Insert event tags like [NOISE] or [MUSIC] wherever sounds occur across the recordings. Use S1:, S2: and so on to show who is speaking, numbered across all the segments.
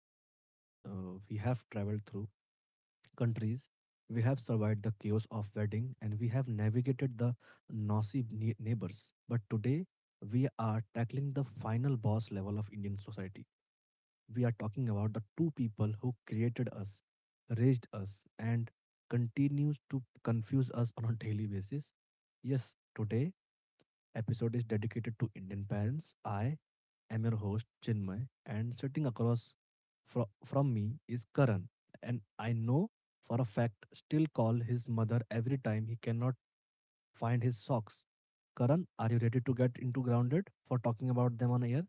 S1: to the podcast. We have traveled through countries, we have survived the chaos of wedding, and we have navigated the neighbors. But today, we are tackling the final boss level of Indian society. We are talking about the two people who created us, raised us, and continues to confuse us on a daily basis. Yes, today episode is dedicated to Indian parents. I am your host, Chinmay, and sitting across from me is Karan. And I know for a fact, still call his mother every time he cannot find his socks. Karan, are you ready to get into grounded for talking about them on air?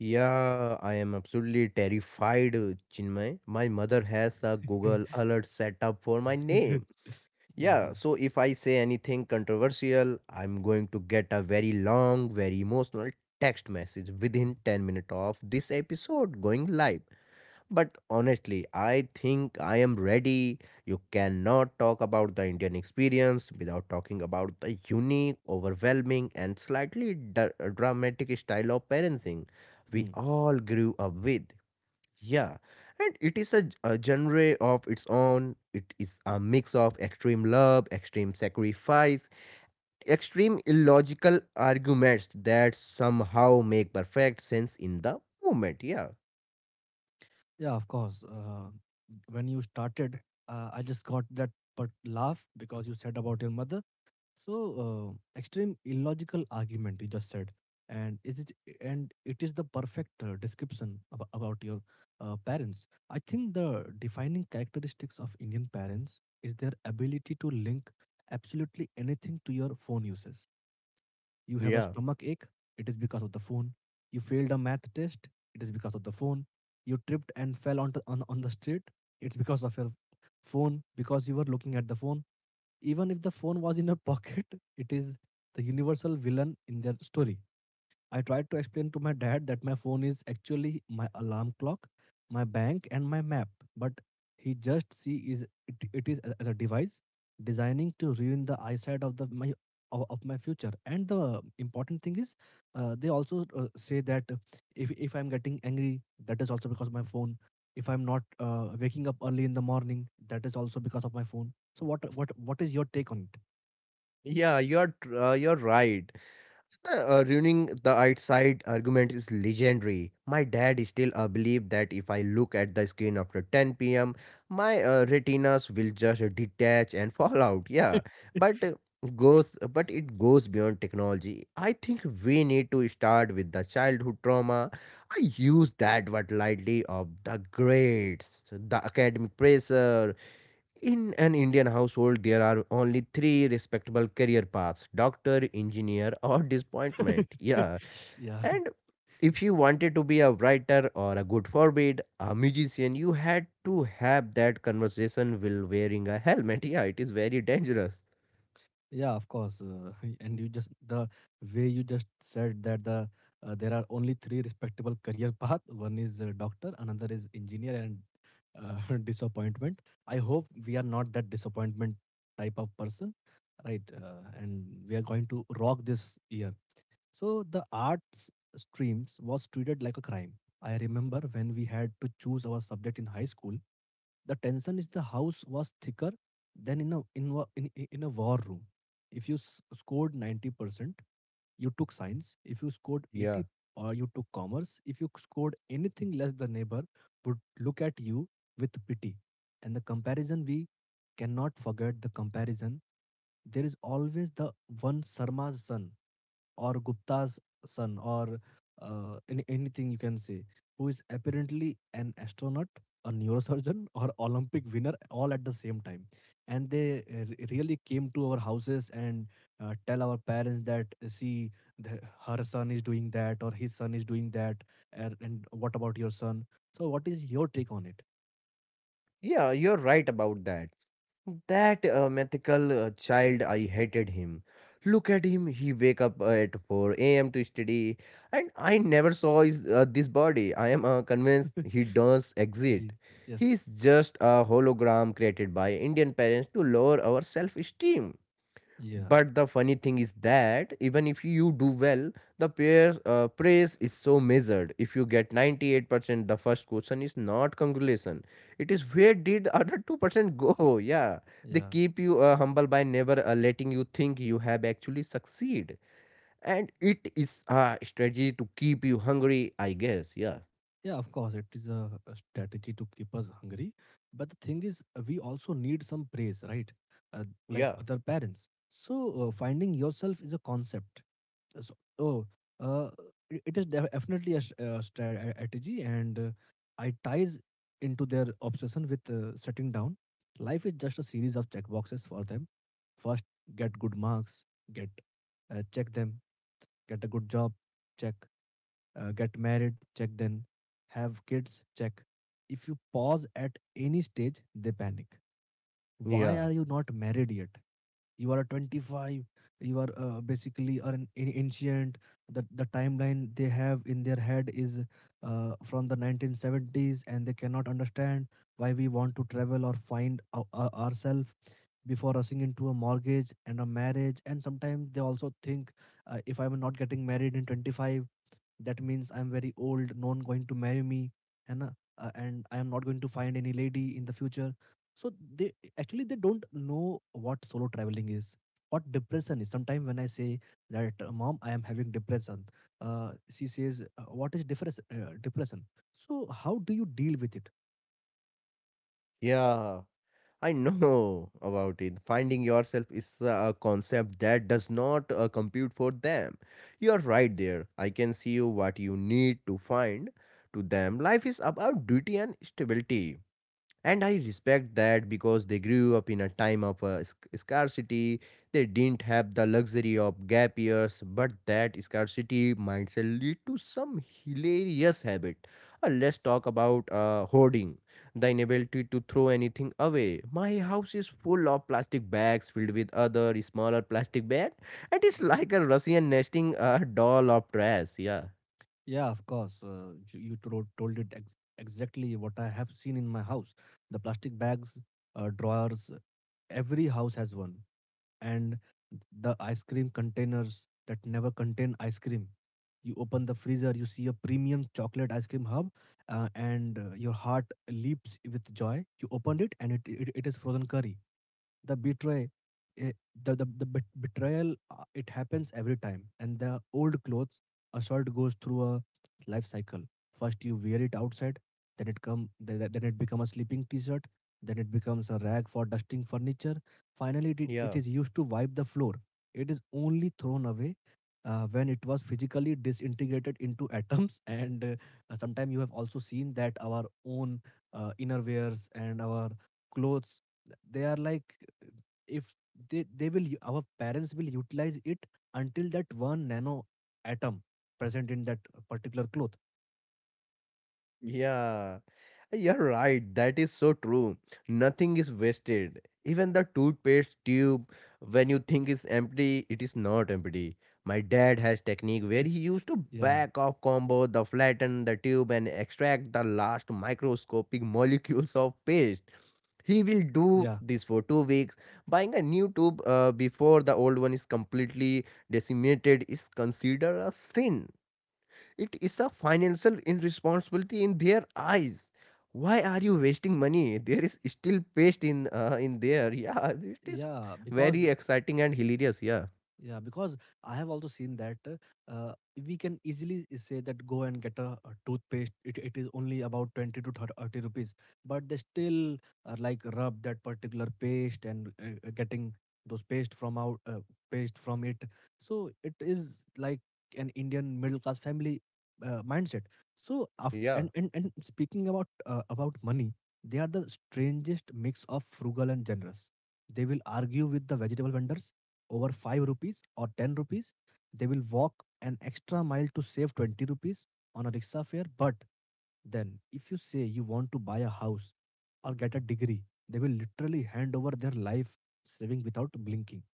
S2: Yeah, I am absolutely terrified, Chinmay. My mother has a Google alert set up for my name.
S1: [LAUGHS] Yes,
S2: Yeah,
S1: yes.
S2: so if I say anything controversial, I'm going to get a very long, very emotional text message within 10 minutes of this episode going live. But honestly, I think I am ready. You cannot talk about the Indian experience without talking about the unique, overwhelming, and slightly dramatic style of parenting we
S1: Mm.
S2: all grew up with. Yeah, and it is a genre of its own. It is a mix of extreme love, extreme sacrifice, extreme illogical arguments that somehow make perfect sense in the moment. Yeah,
S1: Yeah, of course. When you started, I just got that but laugh because you said about your mother. So, extreme illogical argument you just said, and is it and it is the perfect description about your parents. I think the defining characteristics of Indian parents is their ability to link absolutely anything to your phone uses. You have a
S2: yeah.
S1: stomach ache, it is because of the phone. You failed a math test, it is because of the phone. You tripped and fell onto, on the street, it's because of your phone because you were looking at the phone even if the phone was in her [LAUGHS] pocket, it is the universal villain in their story. I tried to explain to my dad that my phone is actually my alarm clock, my bank, and my map, but he just see is it it as a device designing to ruin the eyesight of my future. And the important thing is, they also say that if I'm getting angry, that is also because of my phone. If I'm not waking up early in the morning, that is also because of my phone. So what is your take on
S2: Yeah, you're right. Ruining the outside argument is legendary. My dad still believe that if I look at the screen after 10 p.m., my retinas will just detach and [LAUGHS] fall out. Yeah, but goes but it goes beyond technology. I think we need to start with the childhood trauma. I use that word lightly of the grades, the academic pressure. In an Indian household, there are only three respectable career paths: doctor, engineer, [LAUGHS] or disappointment.
S1: it?
S2: Yeah.
S1: [LAUGHS] Yeah.
S2: And if you wanted to be a writer or a good forbid, a musician, you had to have that conversation while wearing a helmet. [LAUGHS] Yeah, it is very dangerous.
S1: Yeah, of course. [LAUGHS] And you just the way you just said that there are only three respectable career path. One is doctor, another is engineer, and [LAUGHS] disappointment. I hope we are not that disappointment type of person, right? And we are going to rock this year. So the arts streams was treated like a crime. I remember when we had to choose our subject in high school, the tension is the house was thicker than in a in wa- in a war room. If you scored 90%, you took science. If you scored
S2: Yeah.
S1: 80%, or you took commerce. If you scored anything less, the neighbor would look at you with pity. And the comparison, we cannot forget the comparison. There is always the one Sarma's son or Gupta's son or anything you can say, who is apparently an astronaut, a neurosurgeon, or Olympic winner all at the same time. And they really came to our houses and tell our parents that, see, the, her son is doing that or his son is doing that. And what about your son? So, what is your take on it?
S2: Yeah, you're right about that. That mythical child, I hated him. Look at him, he wake up at 4 a.m. to study, and I never saw his, this body. I am convinced
S1: [LAUGHS]
S2: he does exist.
S1: Ji.
S2: He
S1: Yes.
S2: is just a hologram created by Indian parents to lower our self-esteem.
S1: Yeah.
S2: But the funny thing is that even if you do well, the peer praise is so measured. If you get 98%, the first question is not congratulation. It is, where did the other 2% go? [LAUGHS] Yeah. They
S1: Yeah.
S2: keep you humble by never letting you think you have actually succeed. And it is a strategy to keep you hungry, I guess. Yeah.
S1: Yeah, of course, it is a strategy to keep us hungry. But the thing is, we also need some praise, right? Like
S2: Yeah,
S1: other parents. So finding yourself is a concept. Uh, So, oh, uh, it definitely a strategy, and I ties into their obsession with setting down. Life is just a series of checkboxes for them. First, get good marks. Get check them. Get a good job. Check. Uh, get married, check. Then have kids, check. If you pause at any stage, they panic. Why
S2: yeah,
S1: are you not married yet? You are 25. You are basically are an ancient. The timeline they have in their head is from the 1970s, and they cannot understand why we want to travel or ourselves before rushing into a mortgage and a marriage. And sometimes they also think, if I'm not getting married in 25, that means I'm very old, no one going to marry me. And and I am not going to find any lady in the future. So they actually, they don't know what solo traveling is, what depression is. Sometimes when I say that, mom, I am having depression, she says, What is depression?" So how do you deal with it?
S2: yeah. I know [LAUGHS] about it. Finding yourself is a concept that does not compute for them. You're right there. I can see you what you need to find to them. Life is about duty and stability, and I respect that because they grew up in a time of scarcity. They didn't have the luxury of gap years, but that scarcity mindset lead to some hilarious habit. Let's talk about hoarding, the inability to throw anything away. My house is full of plastic bags filled with other smaller plastic bags, and it's
S1: Mm,
S2: like a Russian nesting doll of trash. Yeah,
S1: yeah, of course. You told it exactly what I have seen in my house. The plastic bags, drawers, every house has one. And the ice cream containers that never contain ice cream. You open the freezer, you see a premium chocolate ice cream hub, and your heart leaps with joy. You opened it, and it is frozen curry. The betray eh, the the, the bet- betrayal, it happens every time. And the old clothes, a shirt goes through a life cycle. First you wear it outside, then it come then it become a sleeping t-shirt, then it becomes a rag for dusting furniture, finally it
S2: yeah.
S1: is used to wipe the floor. It is only thrown away when it was physically disintegrated into atoms. [LAUGHS] And sometimes you have also seen that our own innerwears and our clothes, they are like, if our parents will utilize it until that one nano atom present in that particular cloth.
S2: Yeah, you're right. That is so true. Nothing is wasted. Even the toothpaste tube, when you think it's empty, it is not empty. My
S1: [LAUGHS]
S2: dad has
S1: Yeah.
S2: technique where he used to back off combo the flatten the tube and extract the last microscopic [LAUGHS] molecules of paste. He will
S1: Yeah.
S2: do this for 2 weeks. Buying a new tube before the old one is completely decimated is considered a sin. It is a financial irresponsibility in their eyes. Why are you wasting money? There is still paste in there. Yeah, it is
S1: Yeah,
S2: very
S1: because
S2: exciting and hilarious. Yeah,
S1: yeah, because I have also seen that, uh, we can easily say that go and get a toothpaste. It is only about 20 to 30 rupees, but they still are like rub that particular paste and getting those paste from out paste from it. So it is like an Indian middle class family mindset. So after
S2: yeah.
S1: and speaking about money, they are the strangest mix of frugal and generous. They will argue with the vegetable vendors over 5 rupees or 10 rupees. They will walk an extra mile to save 20 rupees on a rickshaw fare. But then, if you say you want to buy a house or get a degree, they will literally hand over their life saving without blinking.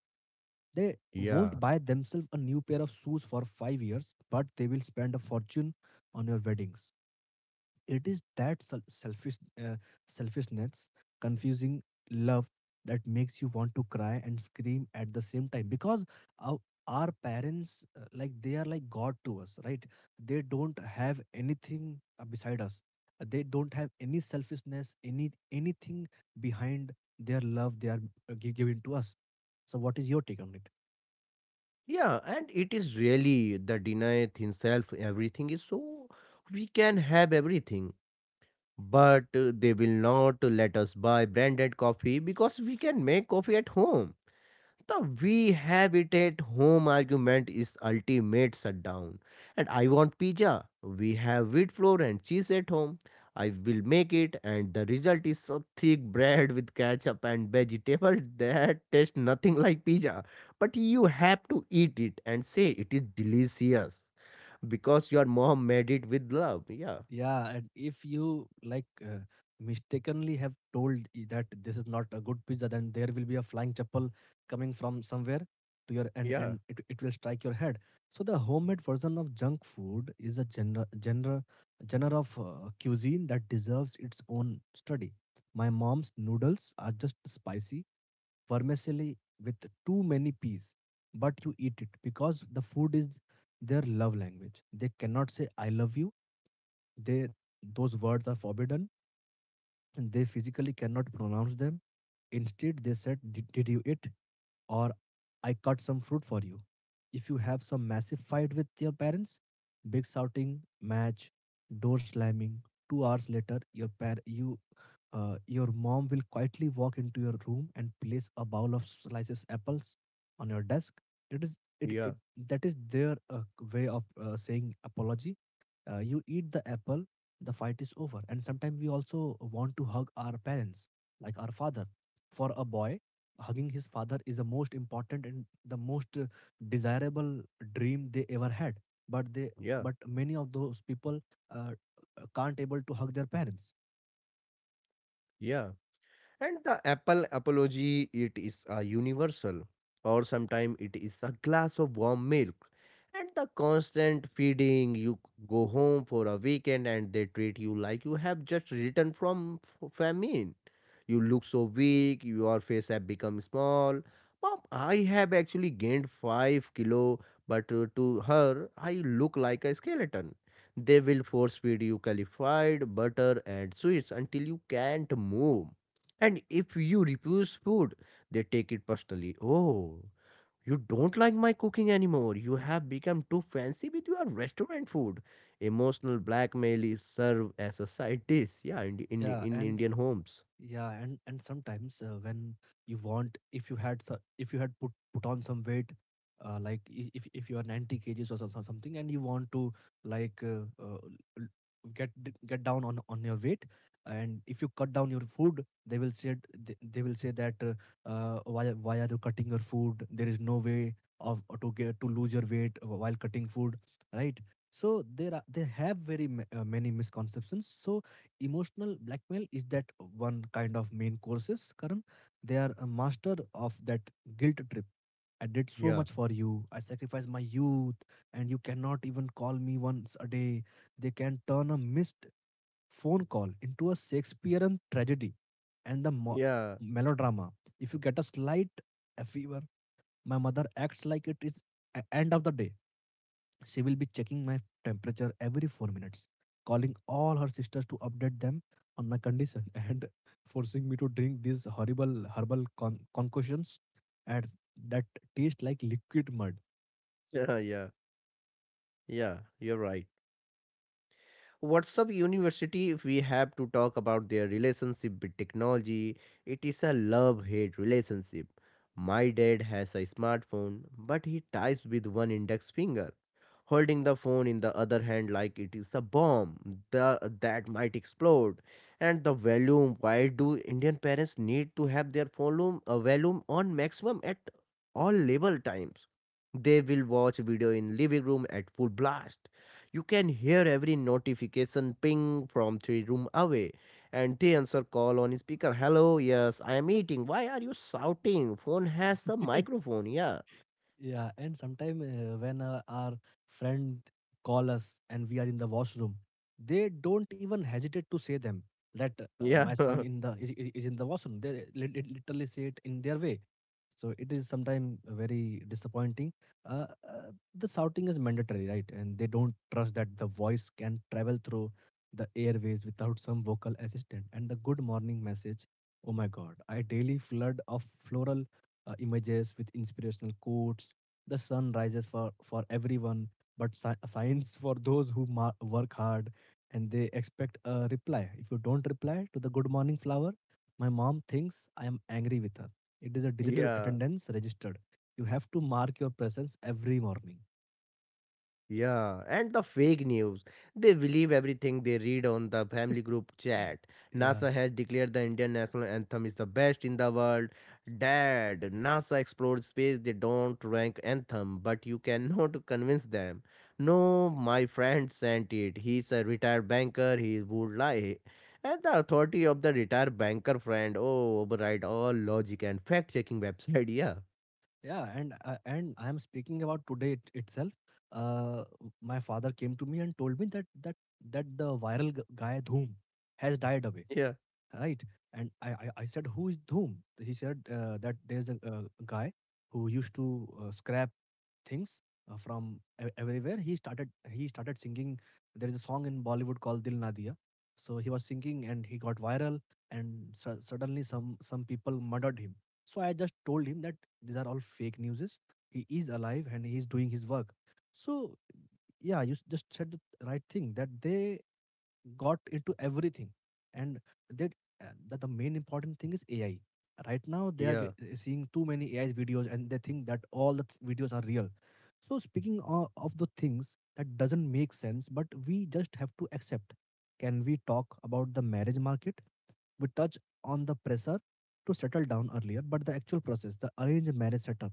S1: They won't
S2: Yeah,
S1: buy themselves a new pair of shoes for 5 years, but they will spend a fortune on your weddings. It is that uh, selfishness, confusing love that makes you want to cry and scream at the same time because our, our parents, like they are like god to us, right? They don't have anything beside us. They don't have any selfishness, any anything behind their love they are giving to us. So what is your take on it?
S2: yeah, and it is really the denieth himself everything is so we can have everything, but they will not let us buy branded coffee because we can make coffee at home. The we have it at home argument is ultimate shutdown. And I want pizza. We have wheat flour and cheese at home. I will make it, and the result is so thick bread with ketchup and vegetable [LAUGHS] that tastes nothing like pizza. But you have to eat it and say it is delicious because your mom made it with love. Yeah,
S1: Yeah, and if you like mistakenly have told that this is not a good pizza, then there will be a flying chapel coming from somewhere to your, and
S2: yeah,
S1: it, it will strike your head. So the homemade version of junk food is a genre of cuisine that deserves its own study. My mom's noodles are just spicy vermicelli with too many peas, but you eat it because the food is their love language. They cannot say I love you. They, those words are forbidden and they physically cannot pronounce them. Instead they said, did you eat? Or I cut some fruit for you. If you have some massive fight with your parents, big shouting match, door slamming, 2 hours later, your mom will quietly walk into your room and place a bowl of slices apples on your desk. It is it,
S2: yeah,
S1: it that is their way of saying apology. You eat the apple, the fight is over. And sometimes we also want to hug our parents, like our father. For a boy, hugging his father is the most important and the most desirable dream they ever had. but they
S2: yeah,
S1: but many of those people uh, can't able to hug their parents.
S2: yeah. And the apple apology, it is a universal, or sometimes it is a glass of warm milk. And the constant feeding, you go home for a weekend and they treat you like you have just returned from famine. You look so weak, your face have become small. Mom, I have actually gained 5 kilo, but to her, I look like a skeleton. They will force feed you clarified butter and sweets until you can't move. And if you refuse food, they take it personally. Oh, you don't like my cooking anymore. You have become too fancy with your restaurant food. Emotional blackmail is served as a side dish. Yeah, in, in,
S1: Yeah,
S2: in
S1: and
S2: Indian homes.
S1: yeah, and sometimes when you want, if you had so, if you had put on some weight, like if you are 90 kgs or so, something, and you want to like l- get down on your weight, and if you cut down your food, they will say, they will say that, why are you cutting your food? There is no way of to lose your weight while cutting food, right? So there are they have very many misconceptions. So emotional blackmail is that one kind of main courses, Karan. They are a master of that guilt trip. I did so
S2: Yeah.
S1: much for you, I sacrificed my youth, and you cannot even call me once a day. They can turn a missed phone call into a Shakespearean tragedy. and the mo-
S2: Yeah,
S1: Melodrama, if you get a slight a fever, my mother acts like it is end of the day. She will be checking my temperature every 4 minutes, calling all her sisters to update them on my condition [LAUGHS] and forcing me to drink these horrible herbal concoctions at that taste like liquid mud.
S2: yeah, yeah, yeah, you're right. WhatsApp University, if we have to talk about their relationship with technology, it is a love hate relationship. My dad has a smartphone, but he types with one index finger, holding the phone in the other hand like it is a bomb that might explode. And the volume, why do Indian parents need to have their volume on maximum at all level times? They will watch video in living room at full blast. You can hear every notification ping from three room away, and they answer call on speaker. Hello, yes, I am eating. Why are you shouting? Phone has a
S1: [LAUGHS]
S2: microphone. Yeah.
S1: Yeah, and sometimes when our friend call us and we are in the washroom, they don't even hesitate to say them that
S2: Yeah.
S1: my son
S2: [LAUGHS]
S1: in the is in the washroom. They literally say it in their way. So it is sometimes very disappointing. The shouting is mandatory, right? And they don't trust that the voice can travel through the airways without some vocal assistant. And the good morning message, oh my God, I daily flood of floral images with inspirational quotes. The sun rises for everyone, but signs for those who work hard. And they expect a reply. If you don't reply to the good morning flower, my mom thinks I am angry with her. It is a digital
S2: yeah.
S1: attendance registered. You have to mark your presence every morning.
S2: Yeah, and the fake news. They believe everything they read on the family group chat.
S1: [LAUGHS] yeah
S2: NASA has declared the Indian national anthem is the best in the world. Dad, NASA explored space, they don't rank anthem, but you cannot [LAUGHS] convince them. No, my friend sent it. He's a retired banker, he would lie. And the authority of the retired banker friend, oh, override all logic and fact checking website. [LAUGHS]
S1: yeah and I am speaking about today, itself. uh my father came to me and told me that the viral guy Dhoom has died away,
S2: Yeah, yeah,
S1: right? And I said, who is Dhoom? He said that there's a, guy who used to scrap things from everywhere. He started singing. There is a song in Bollywood called Dil Na Diya. So he was singing and he got viral, and suddenly some people murdered him. So I just told him that these are all fake newses. He is alive and he is doing his work. So yeah, you just said the right thing that they got into everything. And that the main important thing is AI. Right now they are
S2: yeah,
S1: seeing too many AI videos and they think that all the videos are real. So speaking of the things that doesn't make sense but we just have to accept, can we talk about the marriage market? We touch on the pressure to settle down earlier, but the actual process, the arranged marriage setup,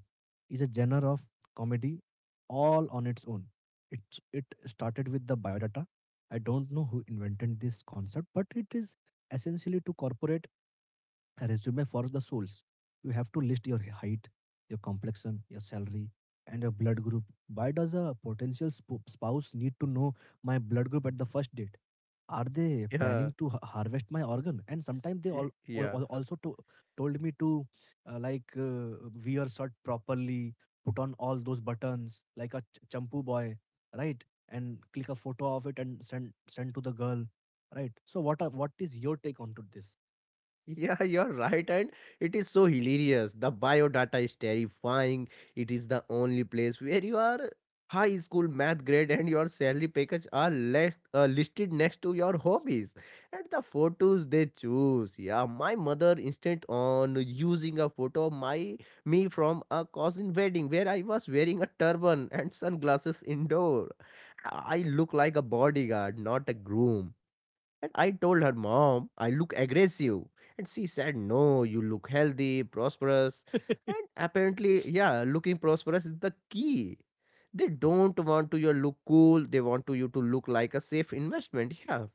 S1: is a genre of comedy all on its own. It, it started with the biodata. I don't know who invented this concept, but it is essentially to corporate a resume for the souls. You have to list your height, your complexion, your salary, and your blood group. Why does a potential spouse need to know my blood group at the first date? Are they planning to harvest my organ? And sometimes they
S2: yeah,
S1: all,
S2: [LAUGHS] yeah.
S1: also told me to wear shirt properly, put on all those buttons like a champu boy, right? And click a photo of it and send to the girl, right? So what is your take on to this?
S2: Yeah, [LAUGHS] you're right, and it is so hilarious. The biodata is terrifying. It is the only place where your high school math grade and your salary package are left, listed next to your hobbies, and the photos they choose. Yeah, my mother insisted on using a photo of my me from a cousin wedding where I was wearing a turban and sunglasses indoor. I look like a bodyguard, not a groom, and I told her, Mom, I look aggressive. And she said, No, you look healthy, prosperous. And apparently, yeah, looking prosperous is the key. They don't want to you look cool, they want to you to look like a safe investment. Yeah.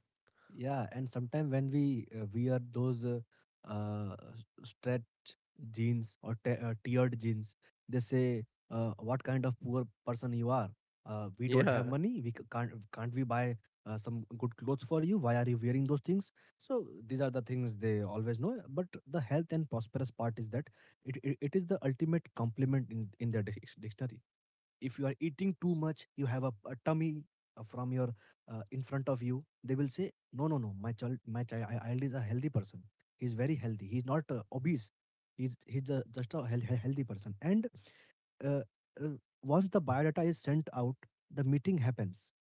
S1: Yeah, and sometimes when we wear those stretched jeans or tiered jeans, they say, "What kind of poor person you are? We don't have
S2: Yeah.
S1: money. We can't we buy some good clothes for you? Why are you wearing those things?" So these are the things they always know. But the health and prosperous part is that it is the ultimate compliment in their dictionary. If you are eating too much, you have a tummy from your in front of you, they will say no no no, my child, child is a healthy person, he's very healthy, he's not obese, he's just a healthy person. And uh, uh, once the biodata is sent out, the meeting happens.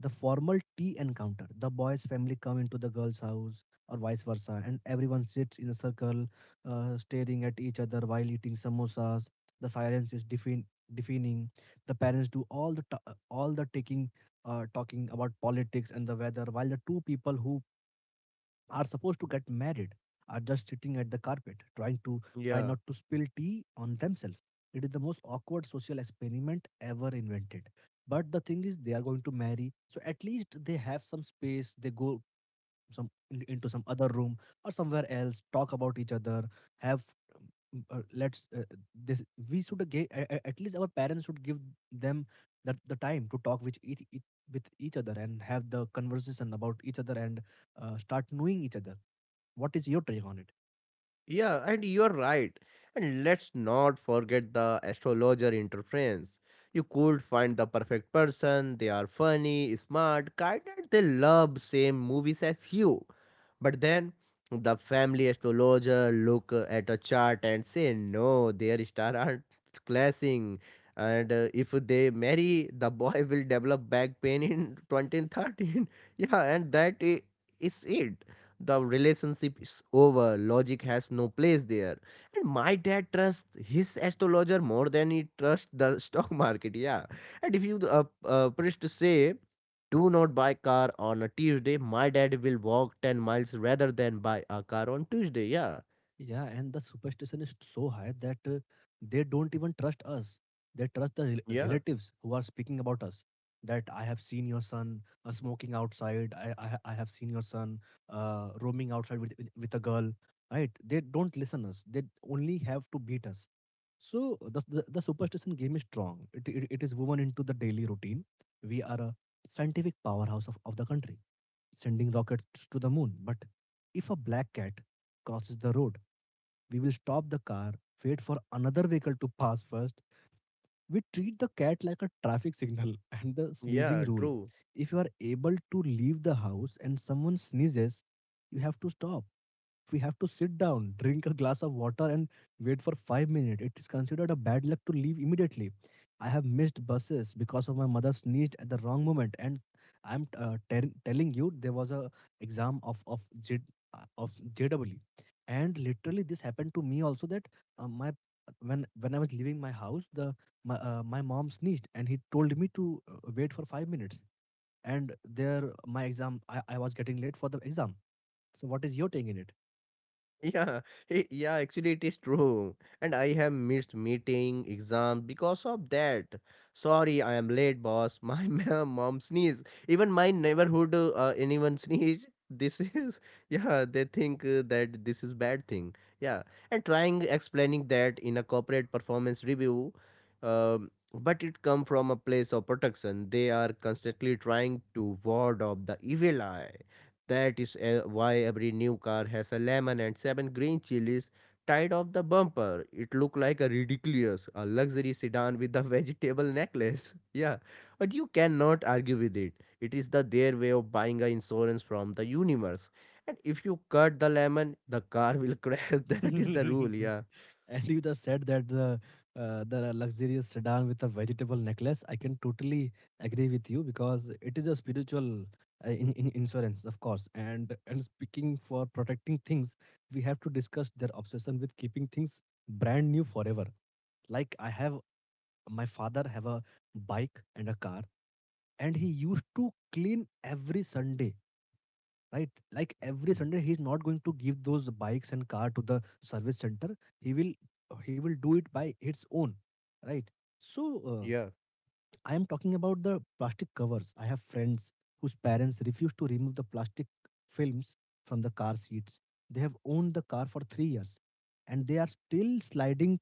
S1: The formal tea encounter. The boy's family come into the girl's house or vice versa, and everyone sits in a circle, staring at each other while eating samosas. The silence is deafening. The parents do all the taking, talking about politics and the weather, while the two people who are supposed to get married are just sitting at the carpet trying to try
S2: Yeah,
S1: not to spill tea on themselves. It is the most awkward social experiment ever invented. But the thing is they are going to marry, so at least they have some space. They go some into some other room or somewhere else, talk about each other, have um, let's this we should get, at least our parents should give them that the time to talk with each with each other and have the conversation about each other and start knowing each other. What is your take on it?
S2: yeah, and you're right. And let's not forget the astrologer interference. You could find the perfect person, they are funny, smart, kind, and they love same movies as you. But then the family astrologer look at a chart and say, no, their star aren't clashing. And if they marry, the boy will develop back pain in 2013. [LAUGHS] Yeah, and that is it. The relationship is over. Logic has no place there. And my dad trusts his astrologer more than he trusts the [LAUGHS] stock market. Yeah. And if you press to say, do not buy car on a Tuesday. My dad will walk 10 miles rather than buy a car on Tuesday. Yeah.
S1: Yeah, and the superstition is so high that they don't even trust us. They trust the
S2: Yeah.
S1: relatives who are speaking about us. That I have seen your son smoking outside. I have seen your son roaming outside with a girl. Right? They don't listen us. They only have to beat us. So the superstition game is strong. It is woven into the daily routine. We are a scientific powerhouse of the country, sending rockets to the moon. But if a black cat crosses the road, we will stop the car, wait for another vehicle to pass first. We treat the cat like a traffic signal. [LAUGHS] And the sneezing
S2: Yeah.
S1: rule.
S2: True.
S1: If you are able to leave the house and someone sneezes, you have to stop. We have to sit down, drink a glass of water, and wait for 5 minutes. It is considered a bad luck to leave immediately. I have missed buses because of my mother sneezed at the wrong moment, and telling you there was a exam of JWE, and literally this happened to me also that my when I was leaving my house, the my my mom sneezed and he told me to wait for 5 minutes. And there my exam I was getting late for the exam. So what is your take in it?
S2: Yeah, yeah, actually it is true. And I have missed meeting, exam because of that. Sorry, I am late, boss. [LAUGHS] My mom sneeze. Even my neighborhood, anyone sneeze. This is, [LAUGHS] yeah, they think that this is bad thing. Yeah, and trying explaining that in a corporate performance review, but it come from a place of protection. They are constantly trying to ward off the evil eye. That is why every new car has a lemon and seven green chilies tied off the bumper. It looked like a ridiculous, a luxury sedan with a vegetable necklace. [LAUGHS] Yeah, but you cannot argue with it. It is the their way of buying a insurance from the universe. And if you cut the lemon, the car will [LAUGHS] crash. That is the rule. Yeah.
S1: [LAUGHS] And you just said that the luxurious sedan with a vegetable necklace, I can totally agree with you because it is a spiritual in insurance, of course. And speaking for protecting things, we have to discuss their obsession with keeping things brand new forever. Like I have, my father have a bike and a car, and he used to clean every Sunday, right? Like every Sunday he's not going to give those bikes and car to the service center. He will, he will do it by its own, right? So
S2: Yeah.
S1: I am talking about the plastic covers. I have friends whose parents refuse to remove the plastic films from the car seats. They have owned the car for 3 years and they are still sliding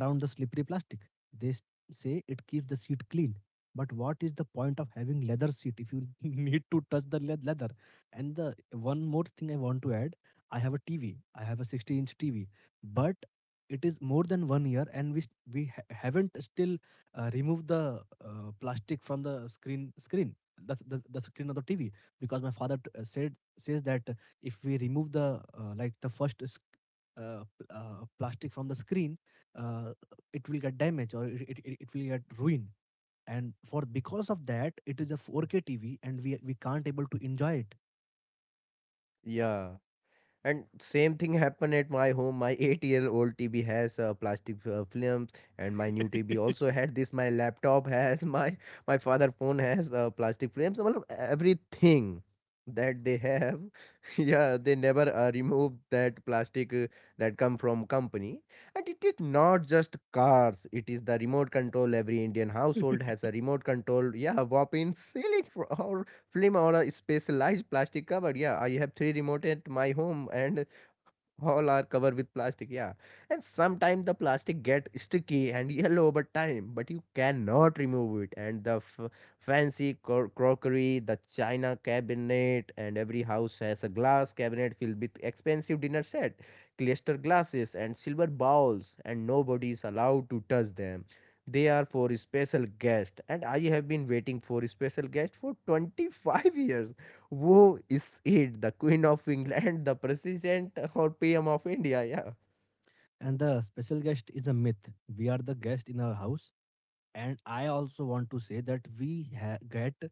S1: around the slippery plastic. They s- say it keeps the seat clean. But what is the point of having leather seat if you [LAUGHS] need to touch the leather? And the one more thing I want to add, I have a TV. I have a 60 inch TV, but it is more than one year and we s- we ha- haven't still remove the plastic from the screen, that's the screen of the TV, because my father t- said says that if we remove the plastic from the screen, uh, it will get damaged, or it will get ruined. And for because of that it is a 4K TV and we can't able to enjoy it.
S2: Yeah. And same thing happened at my home. My eight-year-old TV has plastic films, and my new TV also had this. My laptop [LAUGHS] has my father phone has plastic films. Well, everything that they have, [LAUGHS] yeah, they never remove that plastic that come from company. And it is not just cars. It is the remote control. Every Indian household has a remote control. Yeah, whopping ceiling fan [LAUGHS] film or a specialized plastic cover. Yeah, I have three remote at my home, and all are covered with plastic. Yeah, and sometimes the plastic get sticky and yellow over time, but you cannot remove it. And the fancy crockery, the china cabinet, and every house has a glass cabinet filled with expensive dinner set, cluster glasses, and silver bowls, and nobody is allowed to touch them. They are for special guest, and I have been waiting for special guest for 25 [LAUGHS] years. Who is it? The Queen of England, the President or PM of India? Yeah,
S1: And the special guest is a myth. We are the guest in our house. And I also want to say that we get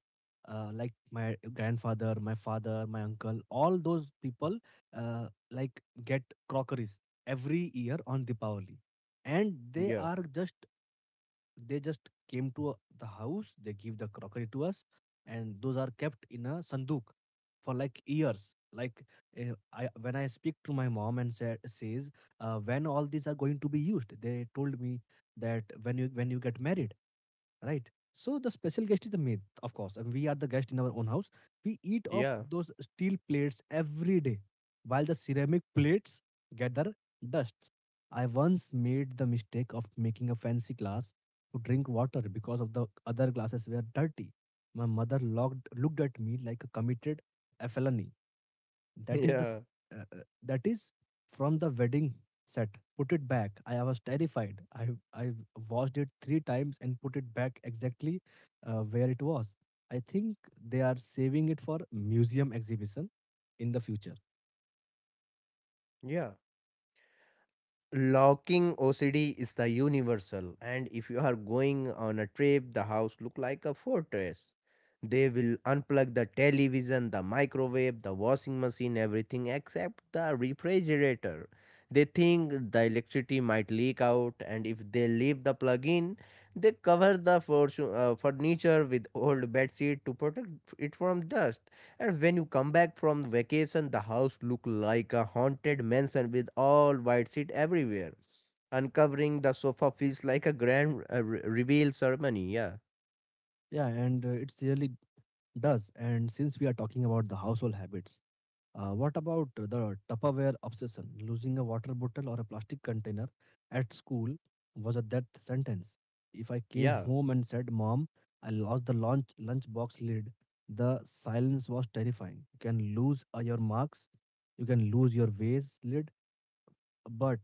S1: my grandfather, my father, my uncle, all those people uh, get crockeries every year on Deepavali, and they
S2: yeah,
S1: are just, they just came to the house, they give the crockery to us. And those are kept in a sanduk for like years. Like when I speak to my mom and says when all these are going to be used, they told me that when you get married, right? So the special guest is the maid, of course, and we are the guest in our own house. We eat off
S2: yeah,
S1: those steel plates every day, while the ceramic plates get their dusts. I once made the mistake of making a fancy glass to drink water because of the other glasses were dirty. My mother looked at me like a committed a felony. That is
S2: yeah,
S1: that is from the wedding set. Put it back. I was terrified. I washed it three times and put it back exactly where it was. I think they are saving it for museum exhibition in the future.
S2: yeah. Locking OCD is the universal, and if you are going on a trip, the house look like a fortress. They will unplug the television, the microwave, the washing machine, everything except the refrigerator. They think the electricity might leak out, and if they leave the plug in, they cover the furniture with old bed sheet to protect it from dust. And when you come back from vacation, the house looked like a haunted mansion with all white sheet everywhere. Uncovering the sofa feels like a grand reveal ceremony. Yeah,
S1: Yeah, and it's really does. And since we are talking about the household habits, uh, what about the Tupperware obsession? Losing a water bottle or a plastic container at school was a death sentence. If I came
S2: yeah,
S1: home and said, Mom, I lost the lunchbox lid, the silence was terrifying. You can lose your marks, you can lose your vase lid, but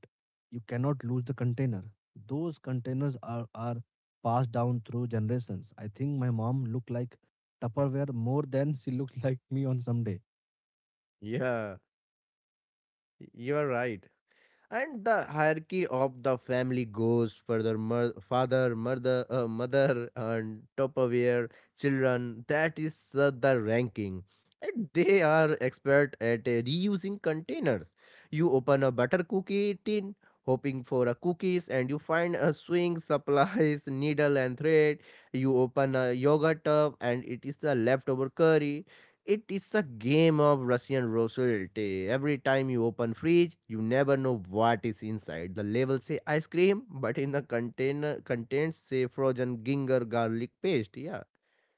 S1: you cannot lose the container. Those containers are passed down through generations. I think my mom looked like Tupperware more than she looked like me on some day.
S2: yeah. You are right. And the hierarchy of the family goes further: father, mother, and topperware, children. That is the ranking. And they are expert at reusing containers. You open a butter cookie tin hoping for a cookies, and you find a swing supplies [LAUGHS] needle and thread. You open a yogurt tub, and it is the leftover curry. It is a game of Russian roulette. Every time you open fridge, you never know what is inside. The label say ice cream, but in the container contains say frozen ginger garlic paste. Yeah.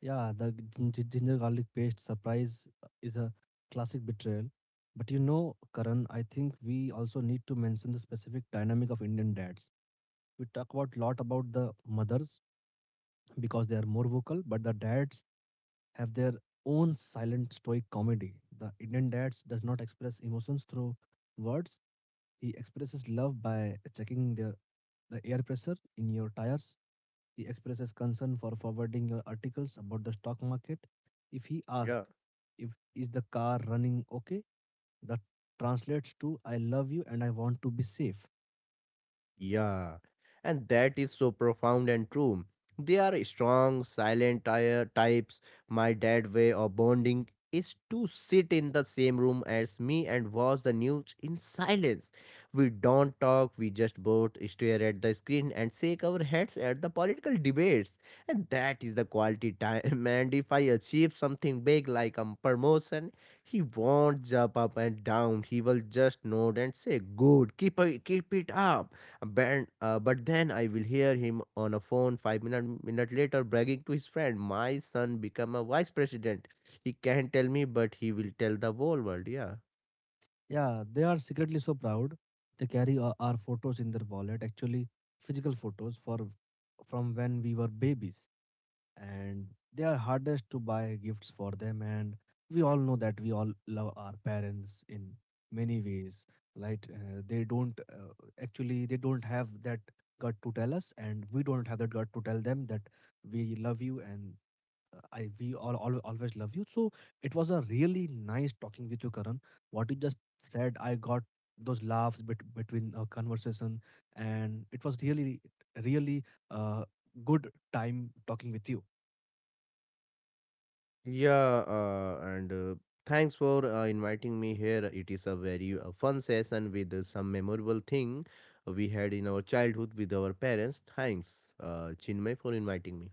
S1: Yeah, the ginger garlic paste surprise is a classic betrayal. But you know, Karan, I think we also need to mention the specific dynamic of Indian dads. We talk about lot about the mothers because they are more vocal, but the dads have their own silent stoic comedy. The Indian dads does not express emotions through words. He expresses love by checking the air pressure in your tires. He expresses concern for forwarding your articles about the stock market. If he asks,
S2: Yeah.
S1: if is the car running okay, that translates to I love you and I want to be safe.
S2: Yeah, and that is so profound and true. They are strong, silent types. My dad way of bonding is to sit in the same room as me and watch the news in silence. We don't talk, we just both stare at the screen and shake our heads at the political debates. And that is the quality time. [LAUGHS] And if I achieve something big like a promotion, he won't jump up and down. He will just nod and say, Good, keep it up. But then I will hear him on a phone five minute later bragging to his friend, "My son become a vice president. He can't tell me, but he will tell the whole world." Yeah,
S1: Yeah, they are secretly so proud. They carry our photos in their wallet, actually physical photos for from when we were babies. And they are hardest to buy gifts for them. And we all know that we all love our parents in many ways, right? They don't actually, they don't have that gut to tell us, and we don't have that gut to tell them that we love you. And I we all always love you. So it was a really nice talking with you, Karan. What you just said, I got those laughs between our conversation, and it was really, really, uh, good time talking with you.
S2: yeah. And thanks for inviting me here. It is a very fun session with some memorable thing we had in our childhood with our parents. Thanks, Chinmay, for inviting me.